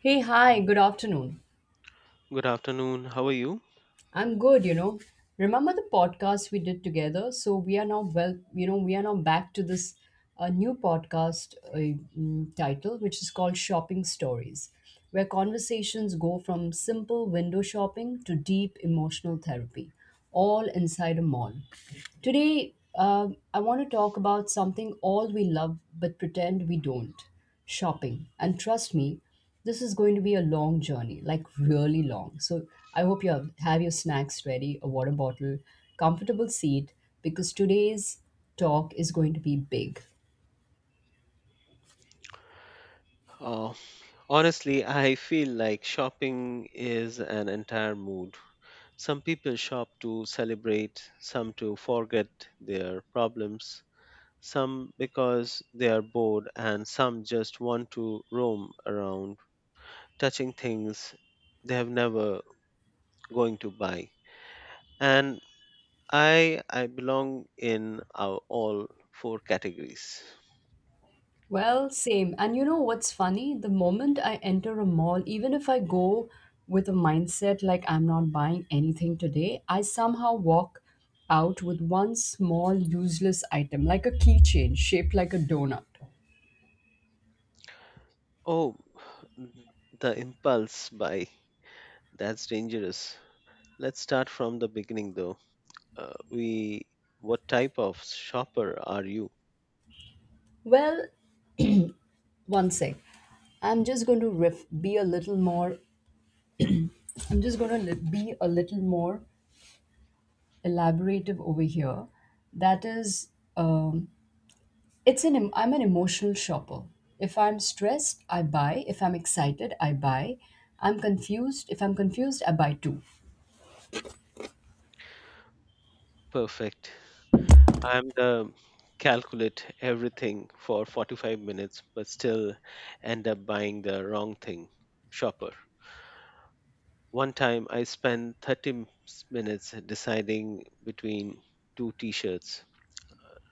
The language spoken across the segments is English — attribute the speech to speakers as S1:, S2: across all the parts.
S1: Hey, hi, good afternoon.
S2: Good afternoon. How are you?
S1: I'm good, you know. Remember the podcast we did together? So we are now we are now back to this new podcast title, which is called Shopping Stories, where conversations go from simple window shopping to deep emotional therapy all inside a mall. Today, I want to talk about something all we love but pretend we don't shopping. And trust me, this is going to be a long journey, like really long. So I hope you have your snacks ready, a water bottle, comfortable seat, because today's talk is going to be big.
S2: Uh, honestly, I feel like shopping is an entire mood. Some people shop to celebrate, some to forget their problems, some because they are bored, and some just want to roam around touching things they have never going to buy. And I belong in our all four categories.
S1: Well, same. And you know what's funny? The moment I enter a mall, even if I go with a mindset like I'm not buying anything today, I somehow walk out with one small useless item, like a keychain shaped like a donut.
S2: Oh, the impulse buy. That's dangerous. Let's start from the beginning though. We what type of shopper are you?
S1: Well, one sec. I'm just going to riff, be a little more, I'm just going to li- be a little more elaborative over here. That is, um, I'm an emotional shopper. If I'm stressed, I buy. If I'm excited, I buy. I'm confused. If I'm confused, I buy too.
S2: Perfect. I'm the calculate everything for 45 minutes but still end up buying the wrong thing shopper. One time I spent 30 minutes deciding between two t-shirts,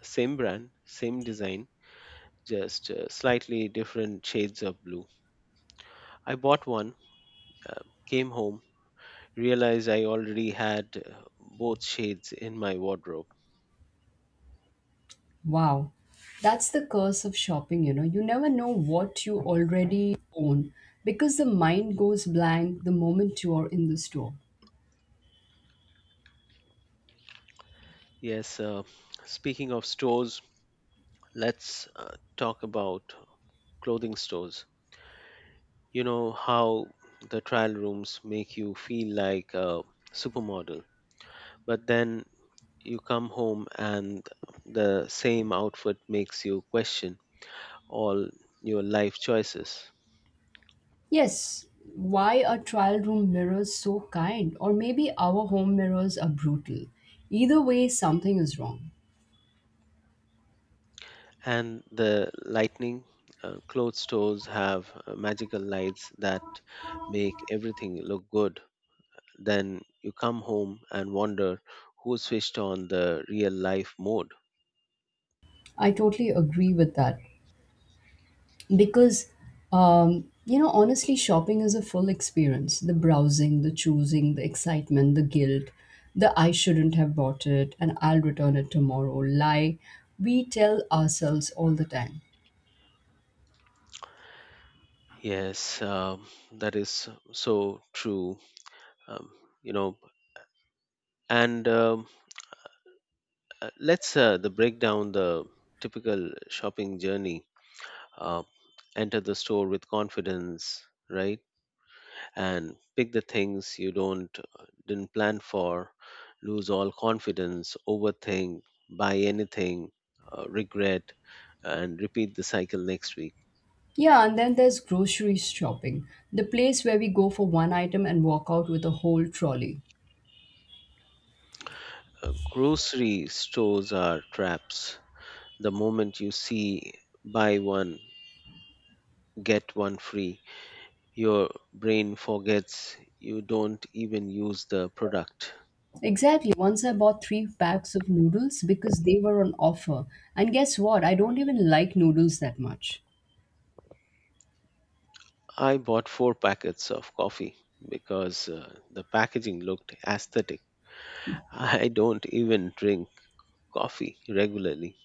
S2: same brand, same design, just slightly different shades of blue. I bought one, uh, came home realized I already had both shades in my wardrobe.
S1: Wow. That's the curse of shopping, you know. You never know what you already own because the mind goes blank the moment you are in the store.
S2: Yes, speaking of stores, let's talk about clothing stores. You know how the trial rooms make you feel like a supermodel, but then you come home and the same outfit makes you question all your life choices.
S1: Yes, why are trial room mirrors so kind? Or maybe our home mirrors are brutal. Either way, something is wrong.
S2: And the lightning, clothes stores have magical lights that make everything look good. Then you come home and wonder who switched on the real life mode.
S1: I totally agree with that, because you know, honestly, shopping is a full experience, the browsing, the choosing, the excitement, the guilt, the I shouldn't have bought it and I'll return it tomorrow lie we tell ourselves all the time.
S2: Yes, that is so true. um, you know, and let's the break down the typical shopping journey. Uh, enter the store with confidence, right, and pick the things you don't didn't plan for, lose all confidence, overthink, buy anything, regret, and repeat the cycle next week.
S1: Yeah, and then there's grocery shopping, the place where we go for one item and walk out with a whole trolley.
S2: Grocery stores are traps. The moment you see buy one get one free, your brain forgets. You don't even use the product.
S1: Exactly. Once I bought three packs of noodles because they were on offer. And guess what? I don't even like noodles that much.
S2: I bought four packets of coffee because the packaging looked aesthetic. I don't even drink coffee regularly.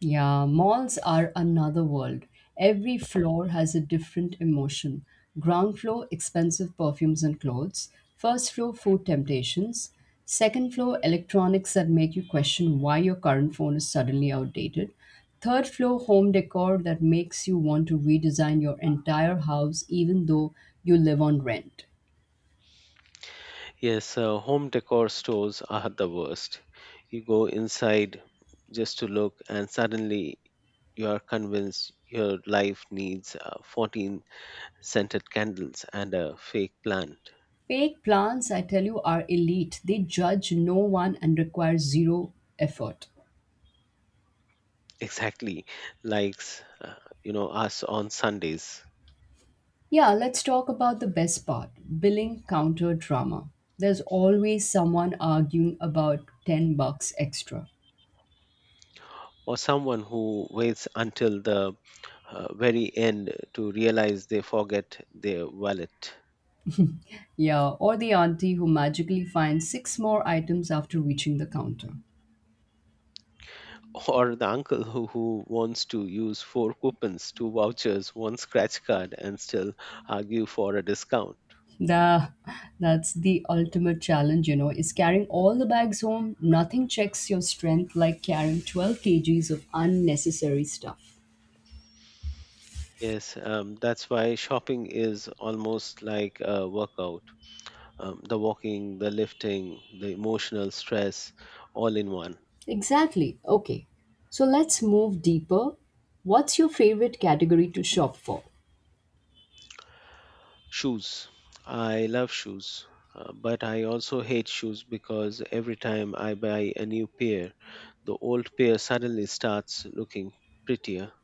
S1: Yeah, malls are another world. Every floor has a different emotion. Ground floor, expensive perfumes and clothes. First floor, food temptations. Second floor, electronics that make you question why your current phone is suddenly outdated. Third floor, home decor that makes you want to redesign your entire house even though you live on rent.
S2: Yes, home decor stores are the worst. You go inside just to look, and suddenly you are convinced your life needs 14 scented candles and a fake plant.
S1: Fake plants, I tell you, are elite. They judge no one and require zero effort.
S2: Exactly, like, uh, you know us on Sundays.
S1: Yeah, let's talk about the best part, billing counter drama. There's always someone arguing about 10 bucks extra.
S2: Or someone who waits until the very end to realize they forget their wallet.
S1: Yeah, or the auntie who magically finds six more items after reaching the counter.
S2: Or the uncle who wants to use four coupons, two vouchers, one scratch card, and still argue for a discount.
S1: The, that's the ultimate challenge, you know, is carrying all the bags home. Nothing checks your strength like carrying 12 kgs of unnecessary stuff.
S2: Yes, that's why shopping is almost like a workout. The walking, the lifting, the emotional stress, all in one.
S1: Exactly. Okay. So let's move deeper. What's your favorite category to shop for?
S2: Shoes. I love shoes, but I also hate shoes because every time I buy a new pair, the old pair suddenly starts looking prettier.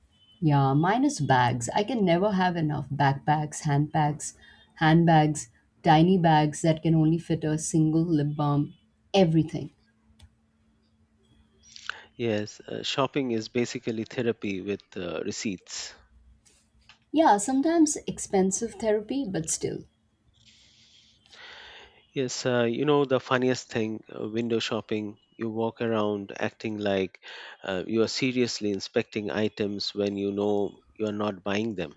S1: Yeah, minus bags. I can never have enough backpacks, handpacks, handbags, tiny bags that can only fit a single lip balm, everything.
S2: Yes, shopping is basically therapy with receipts.
S1: Yeah, sometimes expensive therapy, but still.
S2: Yes, you know the funniest thing, window shopping, you walk around acting like you are seriously inspecting items when you know you are not buying them.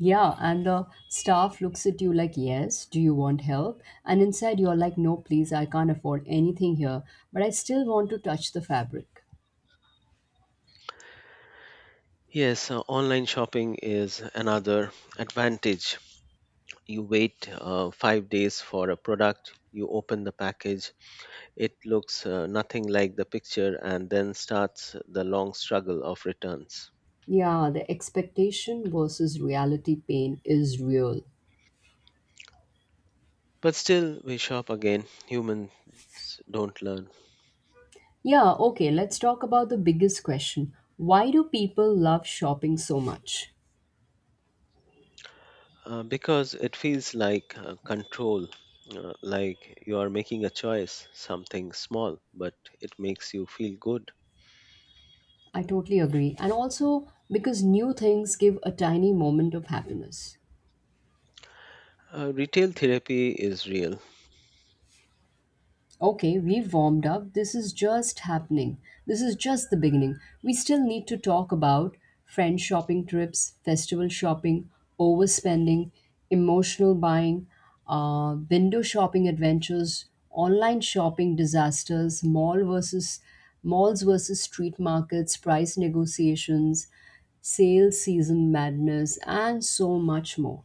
S1: Yeah, and the staff looks at you like, yes, do you want help? And inside you're like, no, please, I can't afford anything here, but I still want to touch the fabric.
S2: Yes, online shopping is another advantage. You wait 5 days for a product, you open the package, it looks nothing like the picture, and then starts the long struggle of returns.
S1: Yeah, the expectation versus reality pain is real.
S2: But still, we shop again. Humans don't learn.
S1: Yeah, okay, let's talk about the biggest question. Why do people love shopping so much?
S2: Because it feels like control, like you are making a choice, something small, but it makes you feel good.
S1: I totally agree. And also because new things give a tiny moment of happiness.
S2: Retail therapy is real.
S1: Okay, we've warmed up. This is just happening. This is just the beginning. We still need to talk about friend shopping trips, festival shopping, overspending, emotional buying, window shopping adventures, online shopping disasters, malls versus street markets, price negotiations, sale season madness, and so much more.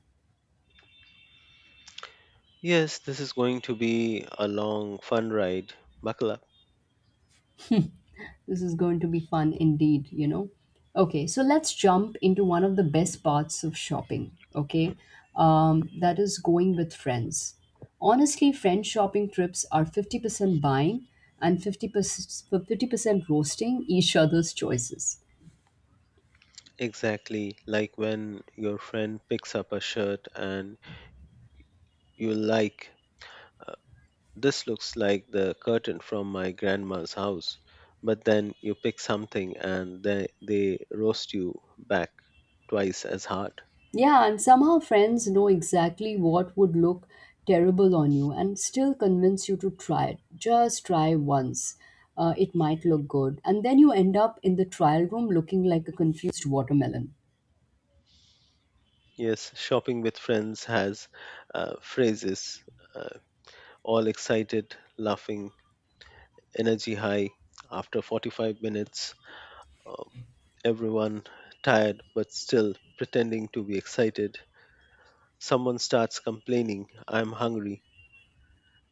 S2: Yes, this is going to be a long, fun ride. Buckle up.
S1: This is going to be fun indeed, you know. Okay, so let's jump into one of the best parts of shopping, okay? That is going with friends. Honestly, friend shopping trips are 50% buying and 50% roasting each other's choices.
S2: Exactly, like when your friend picks up a shirt and you like, "This looks like the curtain from my grandma's house," but then you pick something and they roast you back twice as hard.
S1: Yeah, and somehow friends know exactly what would look terrible on you and still convince you to try it. Just try once. It might look good. And then you end up in the trial room looking like a confused watermelon.
S2: Yes, shopping with friends has phrases: uh, all excited, laughing, energy high. After 45 minutes, uh, everyone tired but still pretending to be excited. Someone starts complaining, "I'm hungry."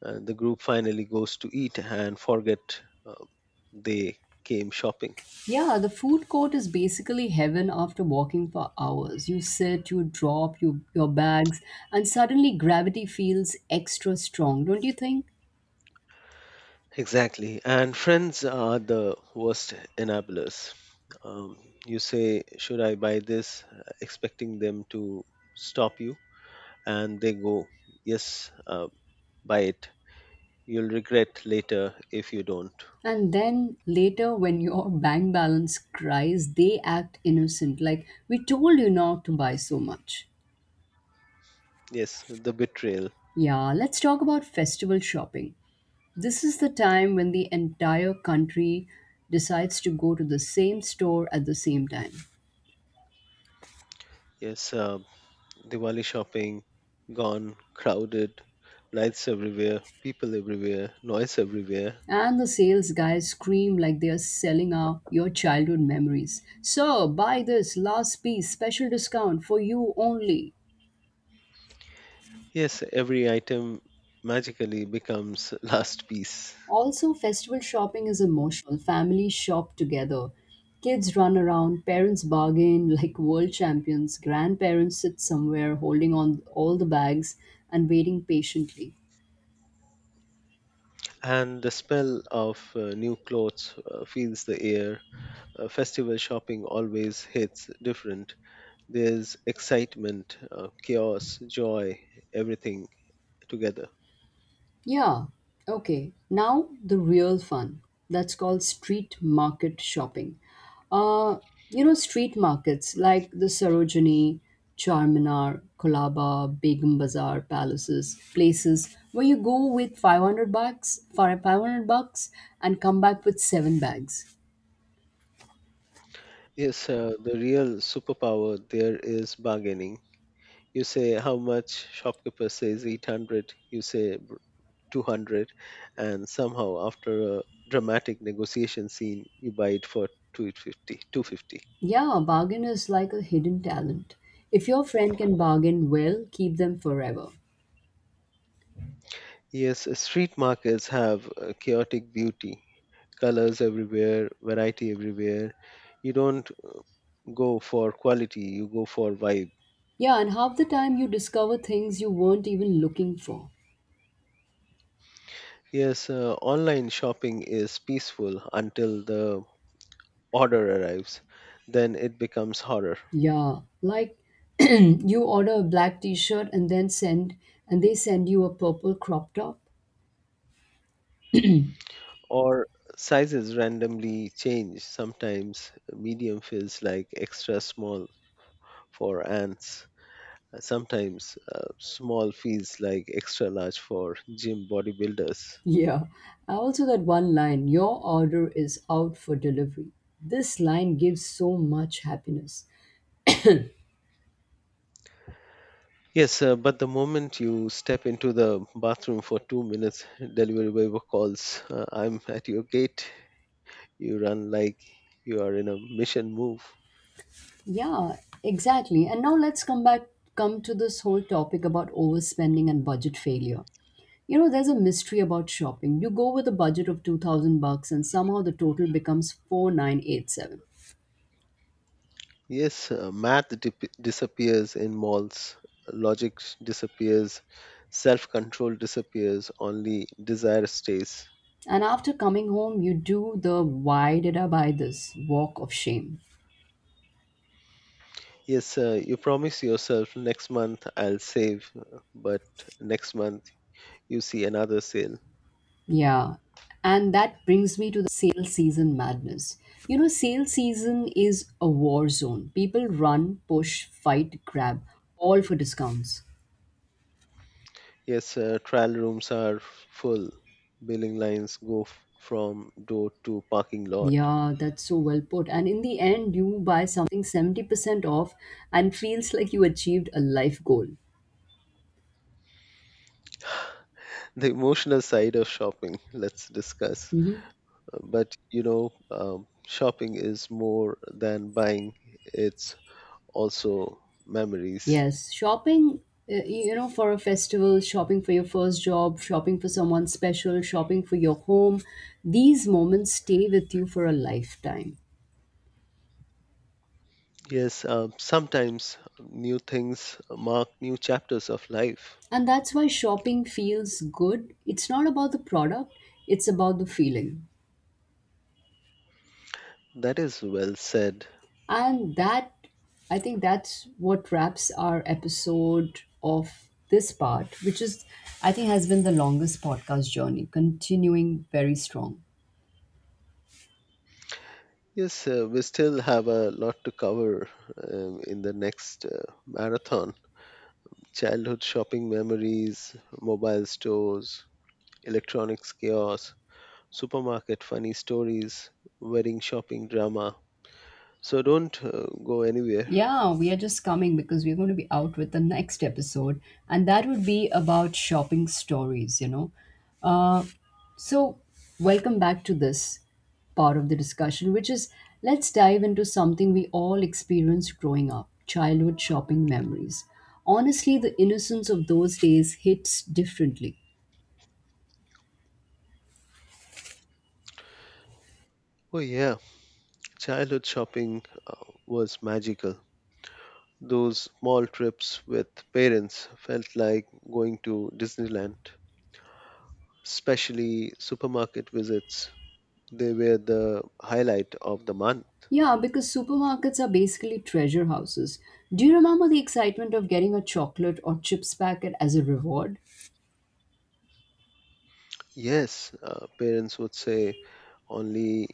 S2: The group finally goes to eat and forget they came shopping.
S1: Yeah, the food court is basically heaven after walking for hours. You sit, your bags, and suddenly gravity feels extra strong, don't you think?
S2: Exactly. And friends are the worst enablers. Um, you say, "Should I buy this?" Expecting them to stop you. And they go, "Yes, buy it. You'll regret later if you don't."
S1: And then later, when your bank balance cries, they act innocent, like we told you not to buy so much.
S2: Yes, the betrayal.
S1: Yeah, let's talk about festival shopping. This is the time when the entire country decides to go to the same store at the same time.
S2: Yes, Diwali shopping, gone, crowded, lights everywhere, people everywhere, noise everywhere.
S1: And the sales guys scream like they are selling your childhood memories. Sir, buy this last piece, special discount for you only.
S2: Yes, every item magically becomes last piece.
S1: Also, festival shopping is emotional. Families shop together. Kids run around, parents bargain like world champions, grandparents sit somewhere holding on all the bags and waiting patiently.
S2: And the smell of new clothes fills the air. Festival shopping always hits different. There's excitement, chaos, joy, everything together.
S1: Yeah, okay. Now the real fun. That's called street market shopping. Uh, you know, street markets like the Sarojini, Charminar, Kolaba, Begum Bazaar, palaces, places where you go with 500 bucks and come back with seven bags.
S2: Yes, the real superpower there is bargaining. You say how much, shopkeeper says 800, you say 200, and somehow after a dramatic negotiation scene you buy it for 250, 250.
S1: Yeah, bargain is like a hidden talent. If your friend can bargain well, keep them forever.
S2: Yes, street markets have chaotic beauty. Colors everywhere, variety everywhere. You don't go for quality, you go for vibe.
S1: Yeah, and half the time you discover things you weren't even looking for.
S2: Yes, online shopping is peaceful until the order arrives, then it becomes horror.
S1: Yeah, like you order a black t-shirt and they send you a purple crop top.
S2: Or sizes randomly change. Sometimes medium feels like extra small for ants. Sometimes small feels like extra large for gym bodybuilders.
S1: Yeah. I also that one line, your order is out for delivery. This line gives so much happiness.
S2: Yes, but the moment you step into the bathroom for 2 minutes, delivery boy calls, "I'm at your gate." You run like you are in a mission move.
S1: Yeah, exactly. And now let's come back come to this whole topic about overspending and budget failure. You know, there's a mystery about shopping. You go with a budget of 2000 bucks and somehow the total becomes 4987.
S2: Yes, math disappears in malls, logic disappears, self control disappears, only desire stays.
S1: And after coming home, you do the why did I buy this walk of shame.
S2: Yes, sir, you promise yourself, "Next month I'll save," but next month you see another sale.
S1: Yeah. And that brings me to the sale season madness. You know, sale season is a war zone. People run, push, fight, grab, all for discounts.
S2: Yes, sir, trial rooms are full. Billing lines go from door to parking lot.
S1: Yeah, that's so well put. And in the end, you buy something 70% off and feels like you achieved a life goal.
S2: The emotional side of shopping, let's discuss.
S1: Mhm.
S2: But you know, shopping is more than buying, it's also memories.
S1: Yes, shopping, you know, for a festival, shopping for your first job, shopping for someone special, shopping for your home, these moments stay with you for a lifetime.
S2: Yes, sometimes new things mark new chapters of life.
S1: And that's why shopping feels good. It's not about the product, it's about the feeling.
S2: That is well said.
S1: And that, I think that's what wraps our episode of this part, which is, I think, has been the longest podcast journey, continuing very strong.
S2: Yes, we still have a lot to cover in the next marathon. Childhood shopping memories, mobile stores, electronics chaos, supermarket funny stories, wedding shopping drama. So don't go anywhere.
S1: Yeah, we are just coming because we're going to be out with the next episode, and that would be about shopping stories, you know. Uh, so, welcome back to this part of the discussion, which is let's dive into something we all experienced growing up childhood shopping memories. Honestly, the innocence of those days hits differently.
S2: Oh, yeah, childhood shopping was magical. Those small trips with parents felt like going to Disneyland, especially supermarket visits. They were the highlight of the month.
S1: Yeah, because supermarkets are basically treasure houses. Do you remember the excitement of getting a chocolate or chips packet as a reward?
S2: Yes, parents would say only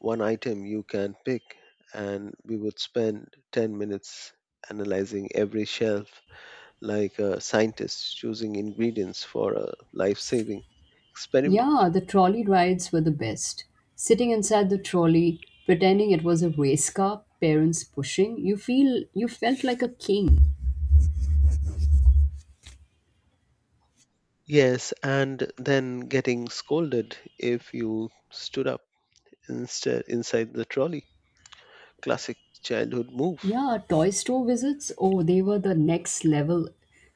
S2: one item you can pick, and we would spend 10 minutes analyzing every shelf like a scientist choosing ingredients for a life saving experiment.
S1: Yeah, the trolley rides were the best. Sitting inside the trolley, pretending it was a race car, parents pushing, you felt like a king.
S2: Yes, and then getting scolded if you stood up instead inside the trolley. Classic childhood move.
S1: Yeah, toy store visits, oh, they were the next level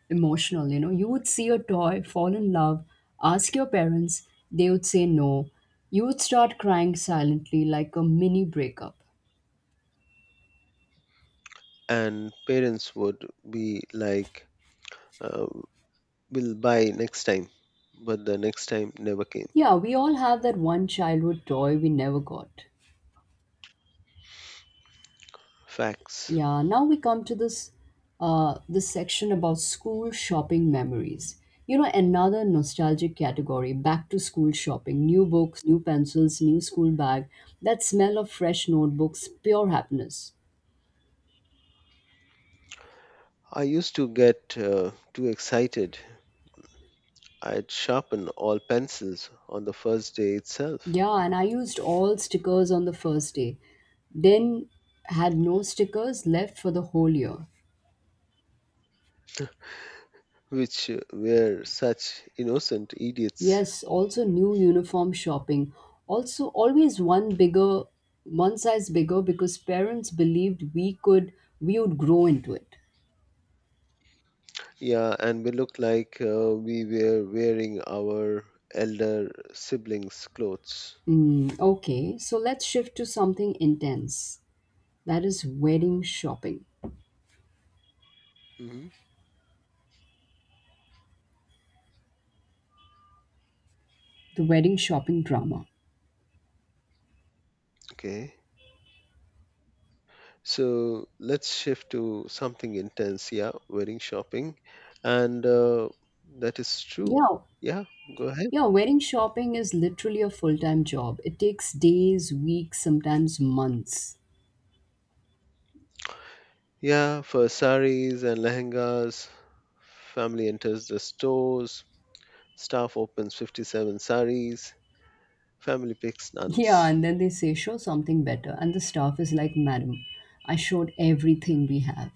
S1: emotional, you know. You would see a toy, fall in love, ask your parents, they would say no. You would start crying silently like a mini breakup.
S2: And parents would be like, uh, "We'll buy next time," but the next time never came.
S1: Yeah, we all have that one childhood toy we never got.
S2: Facts.
S1: Yeah, now we come to this this section about school shopping memories. You know, another nostalgic category, back to school shopping, new books, new pencils, new school bag, that smell of fresh notebooks, pure happiness.
S2: I used to get too excited. I'd sharpen all pencils on the first day itself,
S1: Yeah, and I used all stickers on the first day, then had no stickers left for the whole year.
S2: which were such innocent idiots.
S1: Yes, also new uniform shopping. Also, always one bigger, one size bigger because parents believed we would grow into it.
S2: Yeah, and we looked like we were wearing our elder siblings' clothes.
S1: Mm, okay, so let's shift to something intense. That is wedding shopping,
S2: Hmm.
S1: the wedding shopping drama.
S2: Okay. So let's shift to something intense. Yeah, wedding shopping. And that is true.
S1: Yeah,
S2: Yeah, go ahead.
S1: yeah, wedding shopping is literally a full time job. It takes days, weeks, sometimes months.
S2: Yeah, for saris and lehengas, family enters the stores, staff opens 57 saris, family picks none.
S1: Yeah, and then they say, show something better. And the staff is like, Madam, I showed everything we have.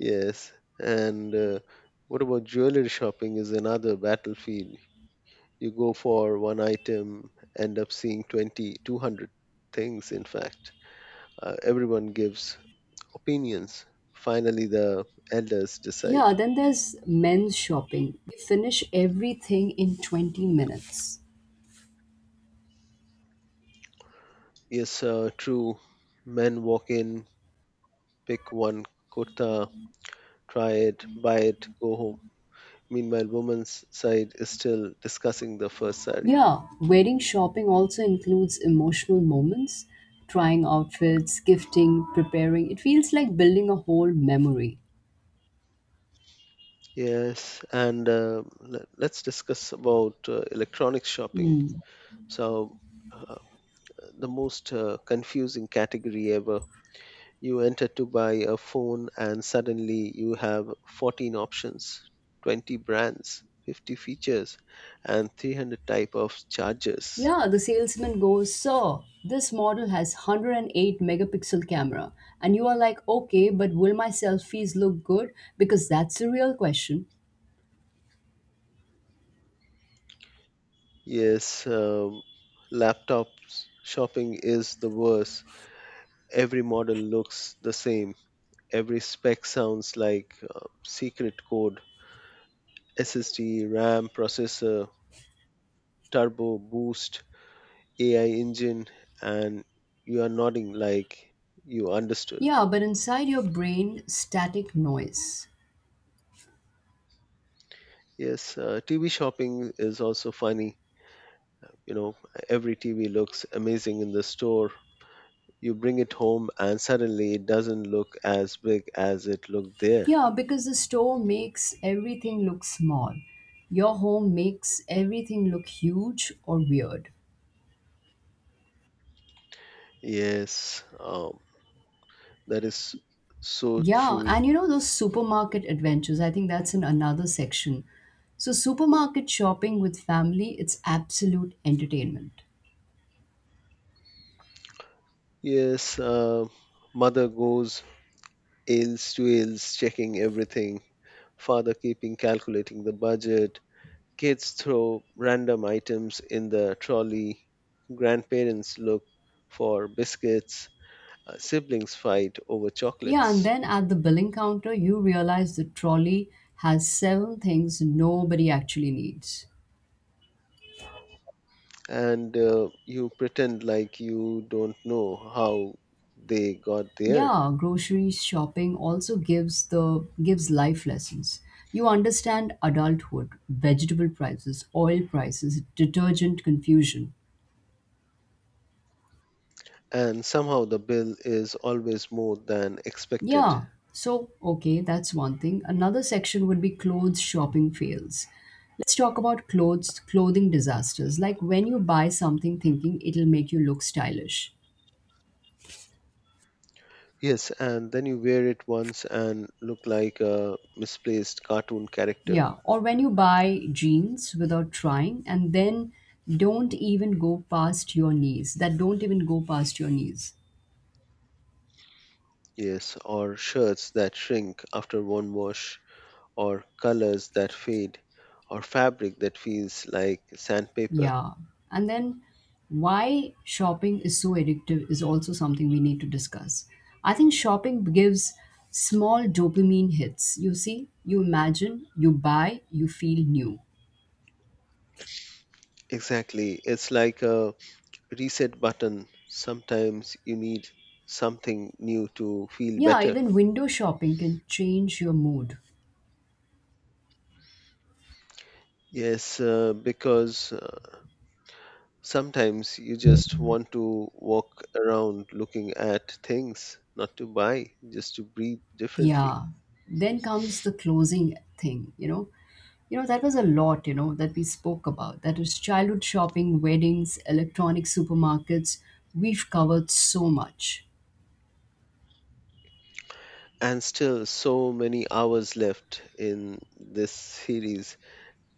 S2: Yes, and what about jewelry shopping is another battlefield. You go for one item, end up seeing 20, 200 things, in fact. Everyone gives opinions. Finally, the elders decide.
S1: Yeah, then there's men's shopping. We finish everything in 20 minutes.
S2: Yes, true. Men walk in, pick one kurta, try it, buy it, go home. Meanwhile, woman's side is still discussing the first sari.
S1: Yeah, wedding shopping also includes emotional moments, trying outfits, gifting, preparing. It feels like building a whole memory.
S2: Yes, and let's discuss about electronic shopping.
S1: Hmm.
S2: So, uh, the most confusing category ever. You enter to buy a phone and suddenly you have 14 options, 20 brands, 50 features, and 300 type of chargers.
S1: Yeah, the salesman goes, Sir, this model has 108 megapixel camera. And you are like, okay, but will my selfies look good? Because that's the real question.
S2: Yes, laptop shopping is the worst. Every model looks the same, every spec sounds like secret code. SSD, RAM, processor, turbo boost, AI engine, and you are nodding like you understood.
S1: Yeah, but inside your brain, static noise.
S2: Yes, TV shopping is also funny. You know, every TV looks amazing in the store. You bring it home and suddenly it doesn't look as big as it looked there.
S1: Yeah, because the store makes everything look small. Your home makes everything look huge or weird.
S2: Yes, that is so
S1: Yeah,
S2: true.
S1: and you know those supermarket adventures, I think that's in another section. So supermarket shopping with family, it's absolute entertainment.
S2: Yes, mother goes aisles to aisles checking everything, father keeping calculating the budget, kids throw random items in the trolley, grandparents look for biscuits, siblings fight over
S1: Yeah, and
S2: chocolates.
S1: then at the billing counter, you realize the trolley has seven things nobody actually needs.
S2: And you pretend like you don't know how they got there.
S1: Yeah, grocery shopping also gives the gives life lessons. You understand adulthood, vegetable prices, oil prices, detergent confusion.
S2: And somehow the bill is always more than expected.
S1: Yeah. So, okay, that's one thing. Another section would be clothes shopping fails. Let's talk about clothes clothing disasters, like when you buy something thinking it'll make you look stylish.
S2: Yes, and then you wear it once and look like a misplaced cartoon character.
S1: Yeah, or when you buy jeans without trying and then don't even go past your knees, that don't even go past your knees.
S2: Yes, or shirts that shrink after one wash, or colors that fade, or fabric that feels like sandpaper.
S1: Yeah. And then why shopping is so addictive is also something we need to discuss. I think shopping gives small dopamine hits. You see, you imagine, you buy, you feel new.
S2: Exactly, it's like a reset button. Sometimes you need something new to feel
S1: Yeah,
S2: better.
S1: even window shopping can change your mood.
S2: Yes, because sometimes you just want to walk around looking at things, not to buy, just to breathe differently.
S1: Yeah. Then comes the closing thing. That was a lot, that we spoke about. That was childhood shopping, weddings, electronic supermarkets. We've covered so much.
S2: And still, so many hours left in this series.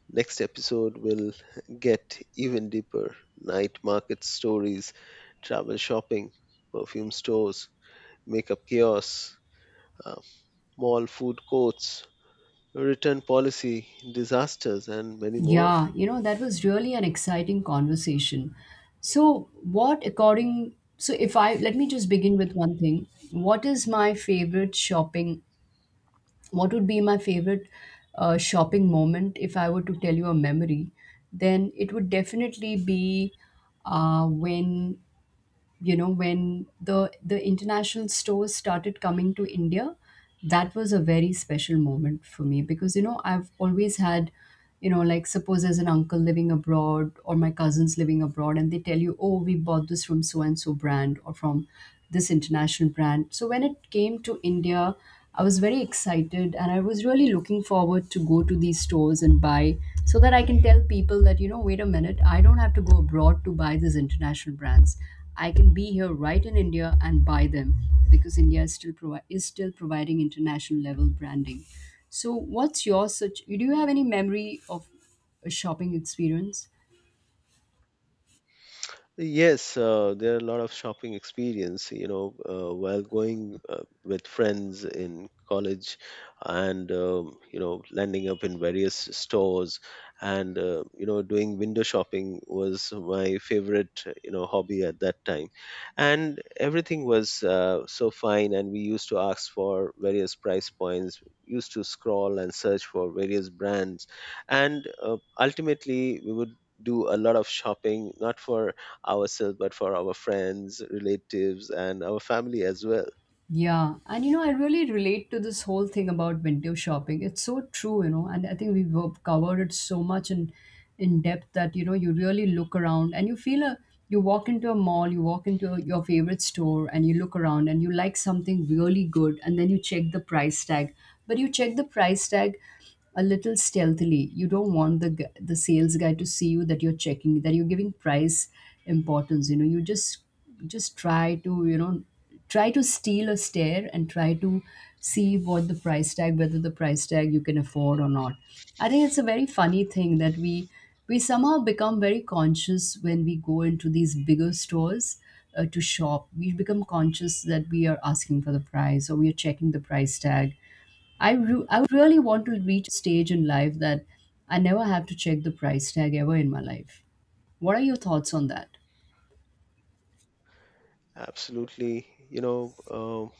S2: Next episode will get even deeper: night market stories, travel shopping, perfume stores, makeup kiosks, uh, mall food courts, return policy, disasters, and many more.
S1: Yeah, you know, that was really an exciting conversation. So, what according so if I let me just begin with one thing. What is my favorite shopping what would be my favorite shopping moment? If I were to tell you a memory, then it would definitely be when when the international stores started coming to India. That was a very special moment for me, because, you know, I've always had, you know, like, suppose there's an uncle living abroad or my cousins living abroad, and they tell you, oh, we bought this from so and so brand, or from this international brand. So when it came to India, I was very excited, and I was really looking forward to go to these stores and buy, so that I can tell people that, you know, wait a minute, I don't have to go abroad to buy these international brands. I can be here right in India and buy them, because India is still is still providing international level branding. So, what's your such? Do you have any memory of a shopping experience?
S2: Yes, there are a lot of shopping experience, while going with friends in college, and landing up in various stores, and doing window shopping was my favorite, hobby at that time. And everything was so fine. And we used to ask for various price points, used to scroll and search for various brands. And ultimately, we would do a lot of shopping, not for ourselves, but for our friends, relatives, and our family as well.
S1: Yeah, and you know, I really relate to this whole thing about window shopping. It's so true, you know, and I think we've covered it so much in depth that, you know, you really look around and you feel a you walk into a mall, you walk into a, your favorite store, and you look around and you like something really good, and then you check the price tag. But you check the price tag a little stealthily. You don't want the sales guy to see you, that you're checking, that you're giving price importance. You know, you just try to, you know, try to steal a stare and try to see what the price tag whether the price tag you can afford or not. I think it's a very funny thing that we somehow become very conscious when we go into these bigger stores to shop. We become conscious that we are asking for the price or we are checking the price tag. I really want to reach a stage in life that I never have to check the price tag ever in my life. What are your thoughts on that?
S2: Absolutely. You know,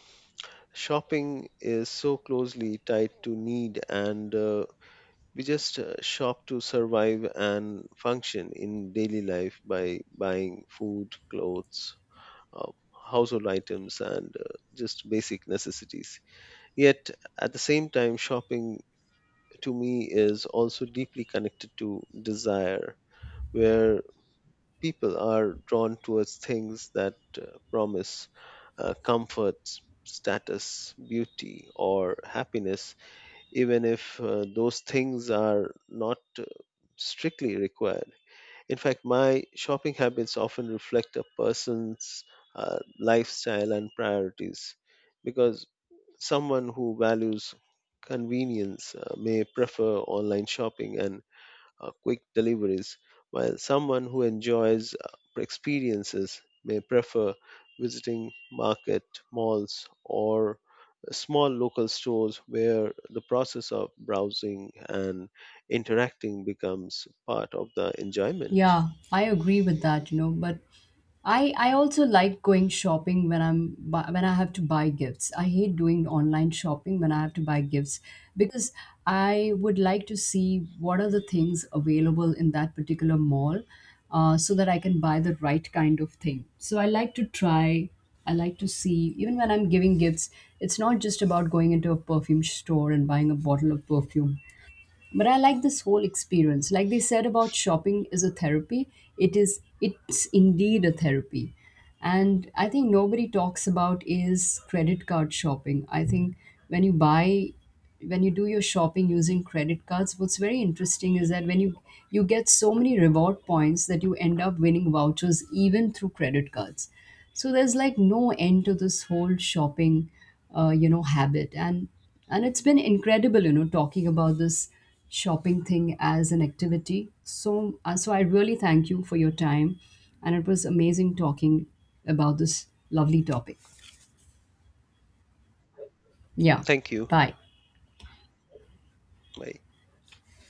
S2: shopping is so closely tied to need, and we just shop to survive and function in daily life by buying food, clothes, uh, household items, and just basic necessities. Yet, at the same time, shopping to me is also deeply connected to desire, where people are drawn towards things that promise comfort, status, beauty, or happiness, even if those things are not strictly required. In fact, my shopping habits often reflect a person's lifestyle and priorities because someone who values convenience may prefer online shopping and quick deliveries, while someone who enjoys experiences may prefer visiting market, malls, or small local stores where the process of browsing and interacting becomes part of the enjoyment.
S1: Yeah, I agree with that, you know, but I also like going shopping when when I have to buy gifts. I hate doing online shopping when I have to buy gifts, because I would like to see what are the things available in that particular mall, so that I can buy the right kind of thing. So I like to try I like to see, even when I'm giving gifts, it's not just about going into a perfume store and buying a bottle of perfume, but I like this whole experience. Like they said, about shopping is a therapy, it is, it's indeed a therapy. And I think nobody talks about is credit card shopping. I think when you buy when you do your shopping using credit cards, what's very interesting is that when you get so many reward points that you end up winning vouchers even through credit cards. So there's like no end to this whole shopping you know habit. And it's been incredible, you know, talking about this shopping thing as an activity. So so I really thank you for your time, and it was amazing talking about this lovely topic. Yeah.
S2: Thank you.
S1: Bye.
S2: Bye.